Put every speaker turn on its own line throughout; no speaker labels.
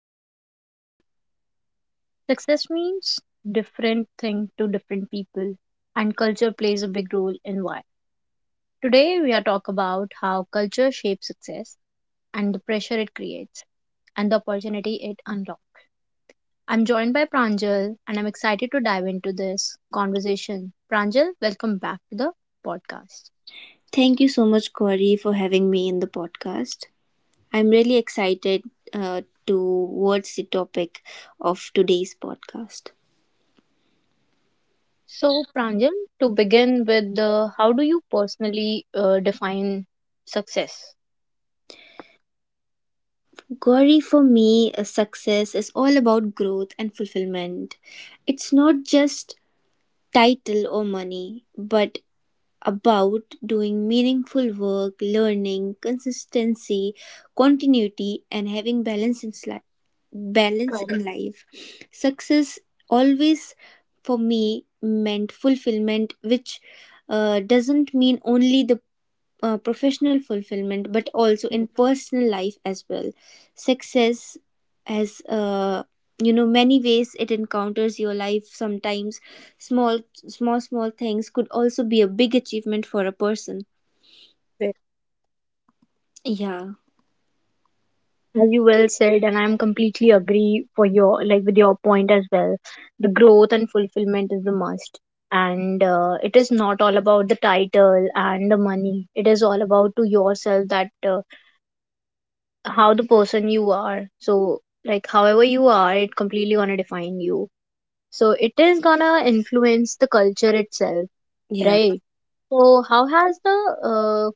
podcast Riverside. Success means different thing to different people, and culture plays a big role in why. Today, we are talk about how culture shapes success and the pressure it creates and the opportunity it unlocks. I'm joined by Pranjal, and I'm excited to dive into this conversation. Pranjal, welcome back to the podcast.
Thank you so much, Corey, for having me in the podcast. I'm really excited towards the topic of today's podcast.
So, Pranjal, to begin with, how do you personally define success?
Gauri, for me, a success is all about growth and fulfillment. It's not just title or money, but about doing meaningful work, learning, consistency, continuity, and having balance in life. Balance in life. Success always, for me, meant fulfillment, which doesn't mean only the professional fulfillment but also in personal life as well. Success has you know, many ways it encounters your life. Sometimes small small small things could also be a big achievement for a person.
Ve-
Yeah,
As you well said, and I'm completely agree for your like with your point as well. The growth and fulfillment is the must, and it is not all about the title and the money. It is all about to yourself that how the person you are. So like however you are, it completely gonna define you. So it is gonna influence the culture itself,
yeah.
right? So how has the uh,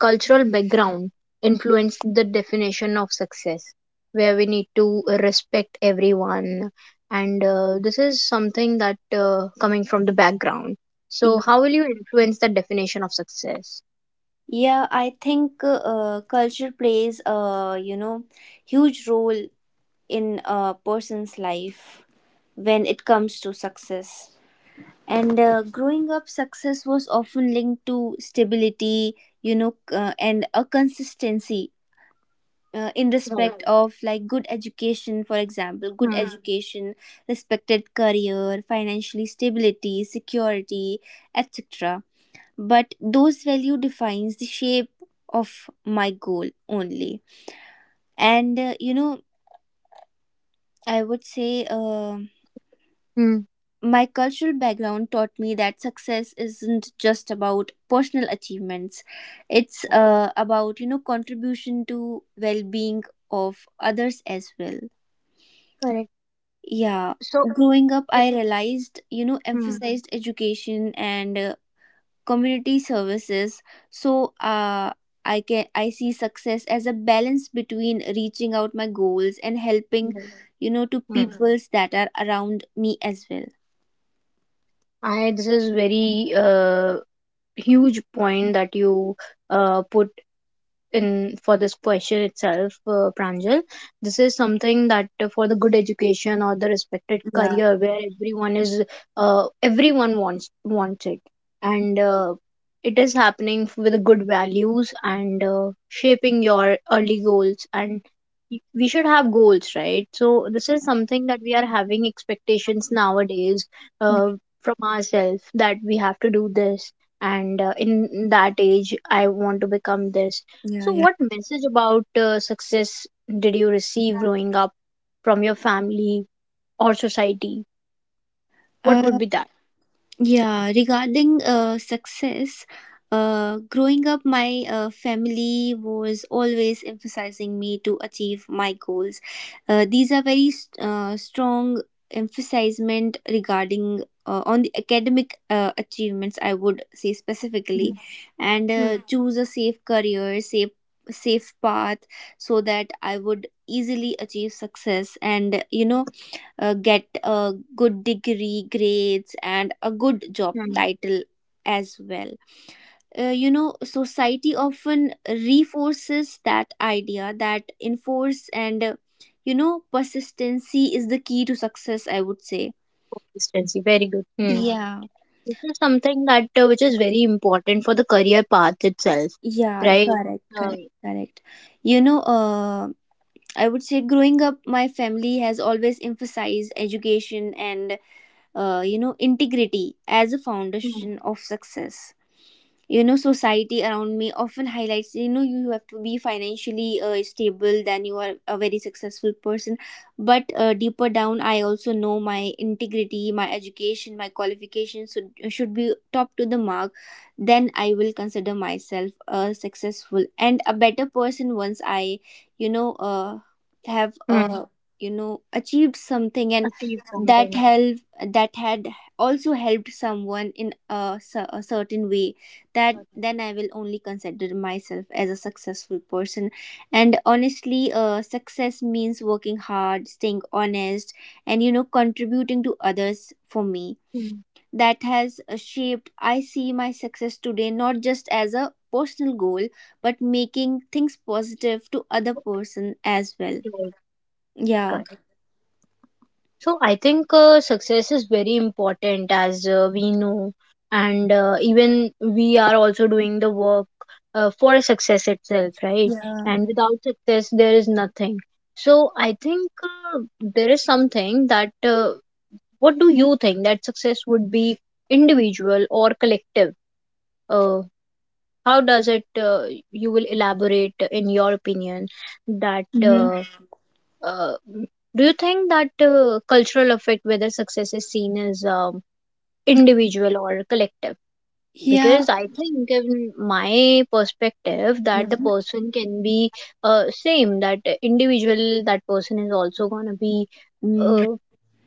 cultural background influence the definition of success where we need to respect everyone and this is something that coming from the background,
Y-
so how will you influence the definition of success?
yeah, I think culture plays a, you know, huge role in a person's life when it comes to success. And growing up, success was often linked to stability, you know, and a consistency in
Right.
respect. Right. Of like good education, for example, good.
Hmm.
Yeah. Education, respected career, financially stability, security, etc. But those value defines the shape of my goal only. And you know, I would say
Hmm.
my cultural background taught me that success isn't just about personal achievements. It's about, you know, contribution to well-being of others as well.
Correct.
Yeah,
So
growing up,
it,
I realized, you know,
hmm.
emphasized education and community services. So, I see success as a balance between reaching out my goals and helping,
Right.
you know, to
Hmm.
peoples that are around me as well.
I this is very huge point that you put in for this question itself, Pranjal. This is something that for the good education or the respected
Yeah,
career where everyone is everyone wants it, and it is happening with good values and shaping your early goals. And we should have goals, right? So this is something that we are having expectations nowadays, uh, from ourselves, that we have to do this. And in that age I want to become this.
yeah,
So,
yeah.
what message about success did you receive growing up from your family or society? What would
uh,
be that?
Yeah, regarding success, growing up, my family was always emphasizing me to achieve my goals. These are very strong emphasizement regarding on the academic achievements, I would say
Hmm.
specifically, and
Hmm.
choose a safe career, safe path, so that I would easily achieve success. And you know, get a good degree, grades, and a good job
Hmm.
title as well. You know, society often reinforces that idea, that enforce and you know, persistency is the key to success, I would say.
Consistency, very good. Hmm.
Yeah,
This is something that which is very important for the career path itself,
yeah,
right?
correct, correct,
Right.
correct. You know, I would say growing up, my family has always emphasized education and, you know, integrity as a
Hmm.
foundation of success. You know, society around me often highlights, you know, you have to be financially stable, then you are a very successful person. But deeper down, I also know my integrity, my education, my qualifications should be top to the mark. Then I will consider myself a successful and a better person once I, you know, have
Hmm.
you know, achieved something, and
Achieve
that
something.
help, that had also helped someone in a, a certain way, that
Right.
then I will only consider myself as a successful person. And honestly, success means working hard, staying honest, and you know, contributing to others. For me,
Hmm.
that has shaped, I see my success today not just as a personal goal but making things positive to other person as well.
Right.
Yeah.
Correct. So I think success is very important as we know, and even we are also doing the work for success itself, right?
Yeah.
And without success, there is nothing. So I think there is something that. What do you think that success would be, individual or collective? Uh, how does it? You will elaborate in your opinion that.
Mm-hmm.
Uh, do you think that cultural affect whether success is seen as individual or collective?
Yeah.
Because I think, in my perspective, that the person can be same. That individual, that person is also gonna be
Mhm.
uh,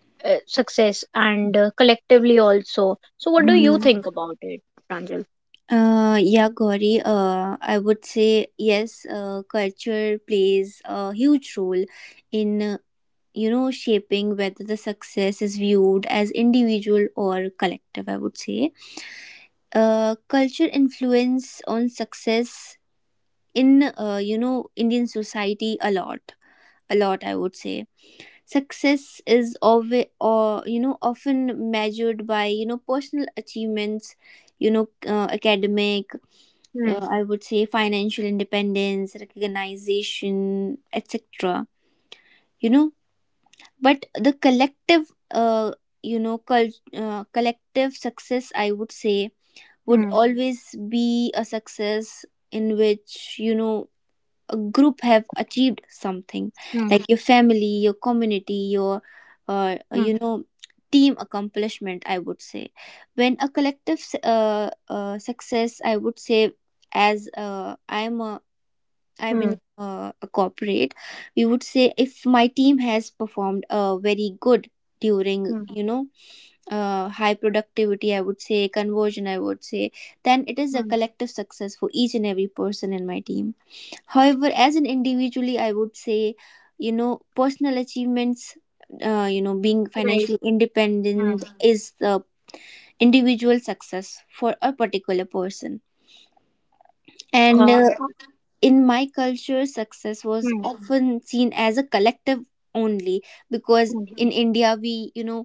success, and collectively also. So, what do you
Mhm.
think about it, Pranjal?
Yeah, Gauri. I would say yes. Culture plays a huge role in you know, shaping whether the success is viewed as individual or collective, I would say. Culture influence on success in, you know, Indian society a lot, a lot, I would say. Success is always, or you know, often measured by, you know, personal achievements, you know, academic,
Hmm.
I would say, financial independence, recognition, etc. You know, but the collective, you know, collective success, I would say, would
Hmm.
always be a success in which, you know, a group have achieved something,
Hmm.
like your family, your community, your,
Hmm.
you know, team accomplishment, I would say. When a collective success, I would say, as I am a I'm in
Hmm.
uh, a corporate, we would say if my team has performed very good during,
Hmm.
you know, high productivity, I would say, conversion, I would say, then it is a
Hmm.
collective success for each and every person in my team. However, as an individually, I would say, you know, personal achievements, you know, being
Right.
financially
Hmm.
independent is the individual success for a particular person. And
Uh, uh,
in my culture, success was,
hmm.
Mhm, often seen as a collective only, because
Hmm,
in India, we, you know,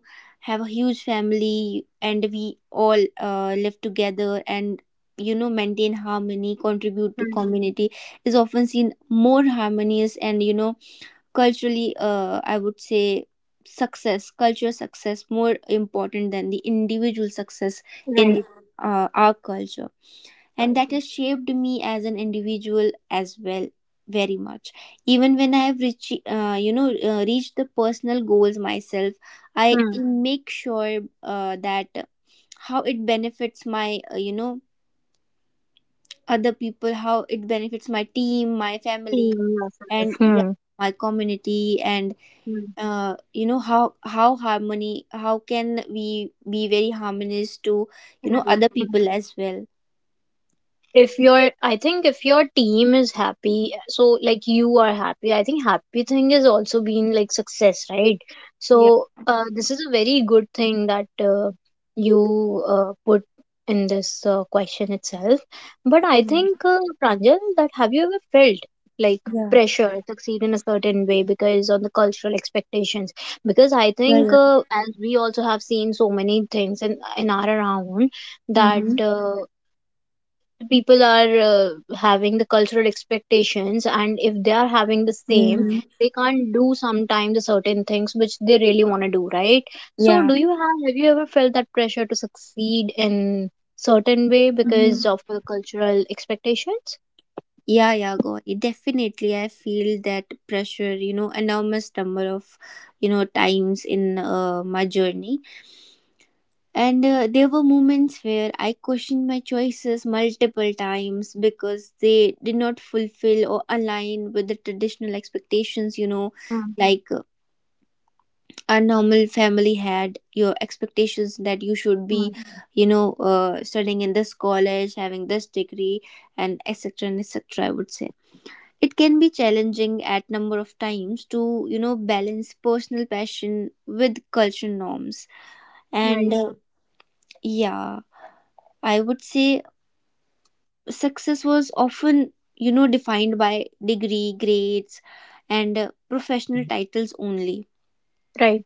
have a huge family, and we all live together and, you know, maintain harmony, contribute to
hmm.
community is often seen more harmonious. And you know, culturally, I would say, success culture success more important than the individual success in
Right.
our culture. And that
Culture.
has shaped me as an individual as well, very much. Even when I have reached, you know, reached the personal goals myself, I
嗯，
make sure that how it benefits my, you know, other people, how it benefits my team, my family,
第
and yeah,
嗯。
my community, and
嗯，
you know, how harmony, how can we be very harmonious to,
特
you know,
别，
other
嗯。
people as well.
If your, I think if your team is happy, so like you are happy, I think happy thing is also being like success, right? So
Yeah.
this is a very good thing that you put in this question itself. But I
Mm.
think, Pranjal, that have you ever felt like
Yeah.
pressure to succeed in a certain way because on the cultural expectations? Because I think,
Yeah.
as we also have seen so many things in our around,
Yeah.
that people are having the cultural expectations, and if they are having the same,
Hmm.
they can't do sometimes the certain things which they really want to do, right? So
Yeah.
do you have you ever felt that pressure to succeed in certain way because
Hmm.
of the cultural expectations?
Yeah, yeah, Gauri. Definitely, I feel that pressure, you know, enormous number of, you know, times in my journey. And there were moments where I questioned my choices multiple times because they did not fulfill or align with the traditional expectations, you know,
Mm,
like a normal family had your expectations that you should be,
mm,
you know, studying in this college, having this degree, and etc, and etc, I would say. It can be challenging at number of times to, you know, balance personal passion with cultural norms. And
right,
yeah, I would say success was often, you know, defined by degree, grades, and professional titles only.
right.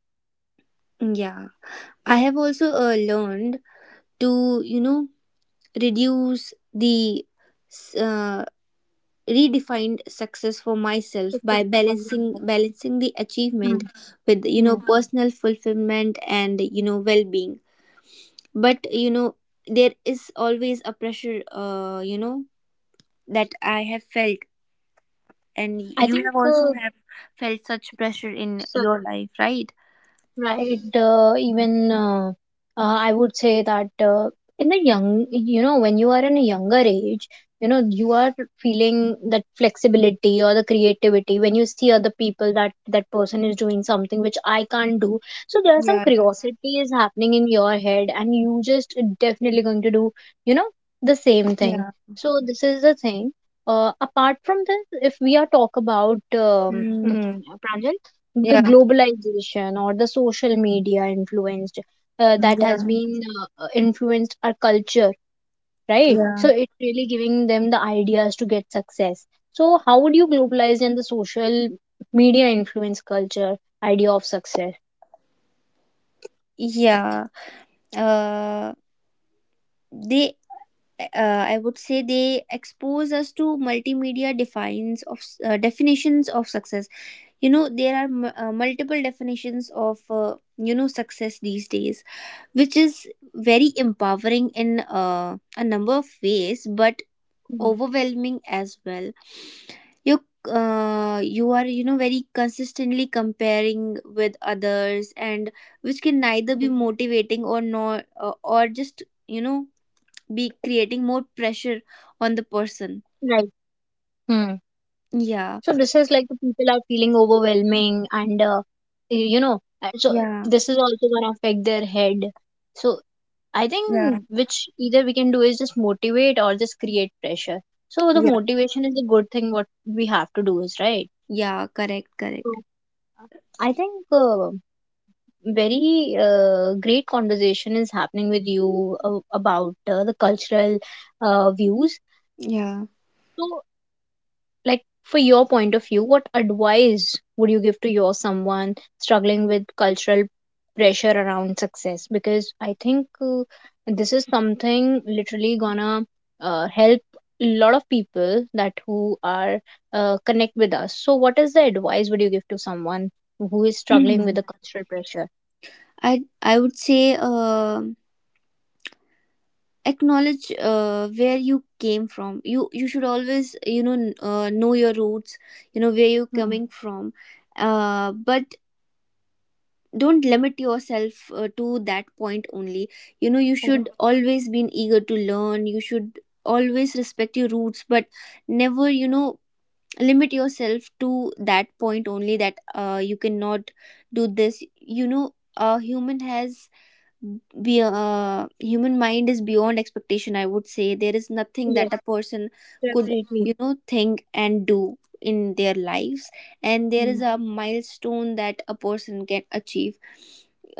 Yeah. I have also learned to, you know, reduce the uh, redefined success for myself
It's
by
a quality
balancing
of life.
balancing the achievement
Mm,
with, you know,
mm.
personal fulfillment and, you know, well-being. But you know, there is always a pressure, you know, that I have felt, and
I
you
think
have also have felt such pressure in
so.
your life, right?
Right. Even I would say that in the young, you know, when you are in a younger age, you know, you are feeling that flexibility or the creativity when you see other people, that that person is doing something which I can't do. So there are some
Yeah. Yeah.
curiosity is happening in your head, and you just definitely going to do, you know, the same thing.
Yeah.
So this is the thing. Apart from this, if we are talk about
Mm,
Pranjal, the
yeah.
globalization or the social media influenced, that has
Yeah.
been influenced our culture, right? So
Yeah.
it's really giving them the ideas to get success. So how would you globalize and the social media influence culture idea of success?
Yeah. uh, they, I would say, they expose us to multimedia defines of definitions of success. You know, there are multiple definitions of, you know, success these days, which is very empowering in, a number of ways, but
Hmm.
overwhelming as well. You you are, you know, very consistently comparing with others, and which can neither be motivating or not, or just, you know, be creating more pressure on the
Right.
person.
Hmm. So this
Yeah.
is like the people are feeling overwhelming, and you know so
Yeah.
this is also gonna affect their head. So I think
Yeah.
which either we can do is just motivate or just create pressure. So the
Yeah.
motivation is a good thing. What we have to do is right.
Yeah, correct, correct.
So I think very great conversation is happening with you about the cultural views.
Yeah.
So like for your point of view, what advice would you give to your someone struggling with cultural pressure around success? Because I think, this is something literally gonna help a lot of people that who are connect with us. So what is the advice would you give to someone who is struggling with the cultural pressure?
I would say, acknowledge, where you came from. You should always, you know, know your roots, you know, where you're
Hmm.
coming from. But don't limit yourself to that point only. You know, you
Correct.
should always be eager to learn, you should always respect your roots, but never, you know, limit yourself to that point only, that you cannot do this. You know, a human has be human mind is beyond expectation, I would say. There is nothing
Yes,
that a person could,
definitely.
you know, think and do in their lives, and there
Hmm.
is a milestone that a person can achieve.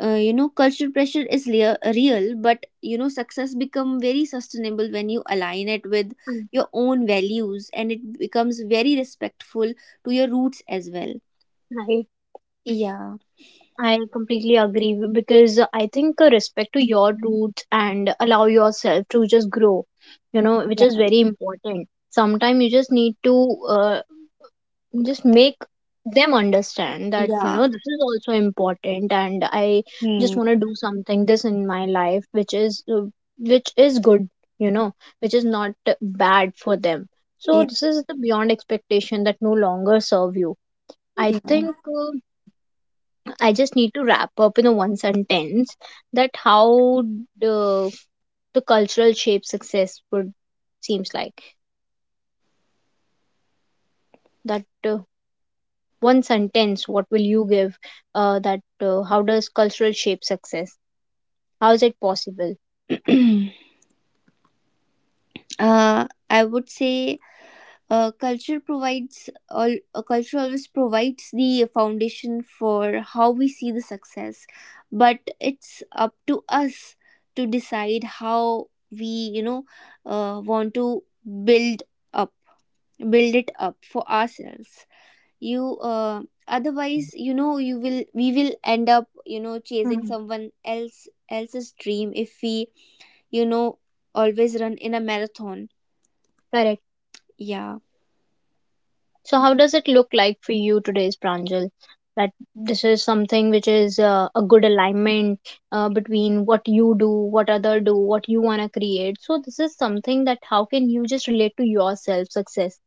You know, cultural pressure is real, but you know, success become very sustainable when you align it with
I,
your own values, and it becomes very respectful to your roots as well. Yeah.
I completely agree because I think, respect to your roots and allow yourself to just grow, you know, which is
Yeah.
very important. Sometimes you just need to just make them understand that, you
Yeah.
know, this is also important, and I just
Hmm.
want to do something this in my life, which is good, you know, which is not bad for them. So this is the beyond expectation that no longer serve you. I
Yeah.
think I just need to wrap up in a one sentence that how the, the cultural shape success would seems like that. uh, one sentence what will you give that how does cultural shape success, how is it possible?
I would say culture always provides the foundation for how we see the success, but it's up to us to decide how we, you know, want to build up build it up for ourselves. You Otherwise, you know, you will we will end up, you know, chasing
Hmm.
someone else's dream if we, you know, always run in a marathon.
Correct.
Yeah.
So how does it look like for you today's Pranjal? That this is something which is a good alignment between what you do, what other do, what you want to create. So this is something that how can you just relate to yourself success.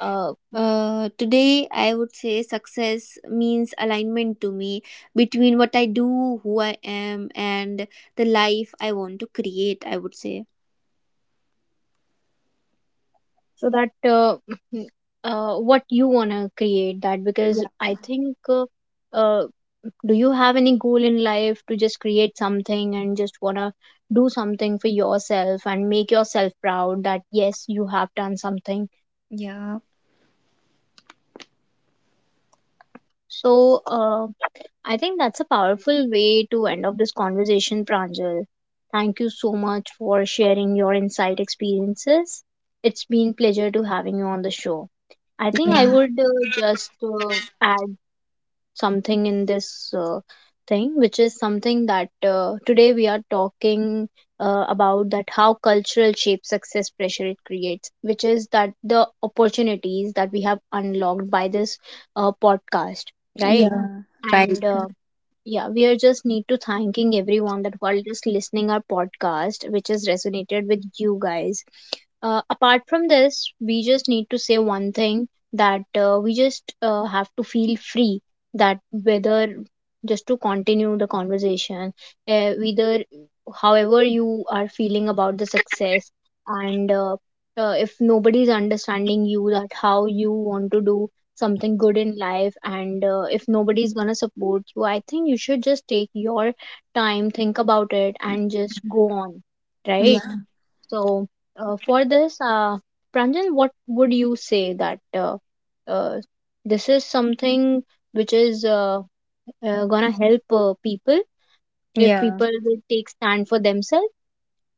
uh,
Today, I would say success means alignment to me between what I do, who I am, and the life I want to create, I would say.
so that what you want to create that, because
Yeah.
I think, uh, do you have any goal in life to just create something and just want to do something for yourself and make yourself proud that yes, you have done something?
Yeah.
So I think that's a powerful way to end up this conversation, Pranjal. Thank you so much for sharing your insight experiences. It's been pleasure to having you on the show. I think I
Yeah.
would just add something in this thing, which is something that today we are talking about that how cultural shapes success, pressure it creates, which is that the opportunities that we have unlocked by this podcast, right?
Yeah. Right.
And
Correct.
yeah, we are just need to thanking everyone that while just listening our podcast, which is resonated with you guys. Apart from this, we just need to say one thing, that we just have to feel free that whether just to continue the conversation, whether however you are feeling about the success. And if nobody is understanding you that how you want to do something good in life, and if nobody's gonna support you, I think you should just take your time, think about it, and just go on, right?
Yeah.
So for this Pranjan, what would you say that uh, uh, this is something which is gonna help people, if
Yeah.
people will take stand for themselves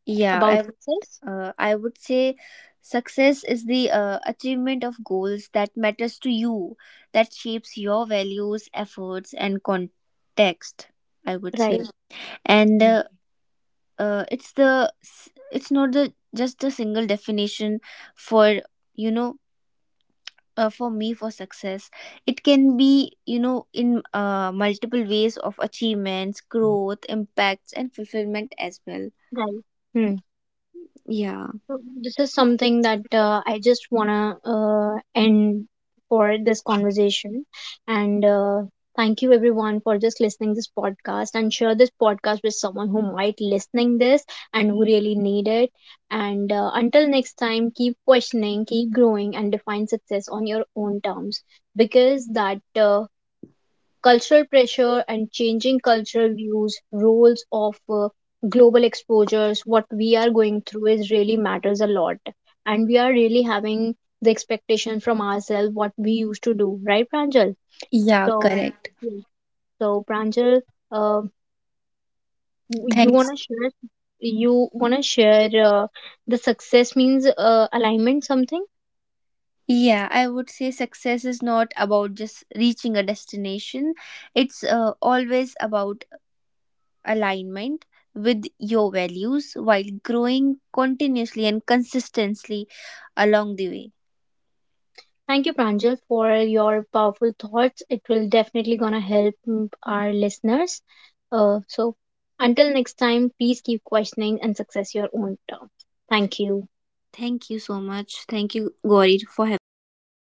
Yeah.
about success,
I would say success is the achievement of goals that matters to you, that shapes your values, efforts, and context, I would say.
right?
And
Mm.
it's the it's not the just a single definition for, you know, for me, for success. It can be, you know, in, multiple ways of achievements, growth, impacts, and fulfillment as well.
Right. Hmm.
Yeah.
So this is something that I just wanna end for this conversation, and thank you everyone for just listening this podcast and share this podcast with someone who might listening this and who really need it. And until next time, keep questioning, keep growing, and define success on your own terms, because that cultural pressure and changing cultural views, roles of global exposures, what we are going through is really matters a lot. And we are really having the expectation from ourselves what we used to do, right, Pranjal?
Yeah,
So,
correct.
yeah. So Pranjal, uh, you
Thanks.
wanna share? You wanna share the success means alignment something?
Yeah, I would say success is not about just reaching a destination. It's always about alignment with your values while growing continuously and consistently along the way.
Thank you, Pranjal, for your powerful thoughts. It will definitely gonna help our listeners. So until next time, please keep questioning and success your own terms. Thank you.
Thank you so much. Thank you, Gauri, for having me on your podcast.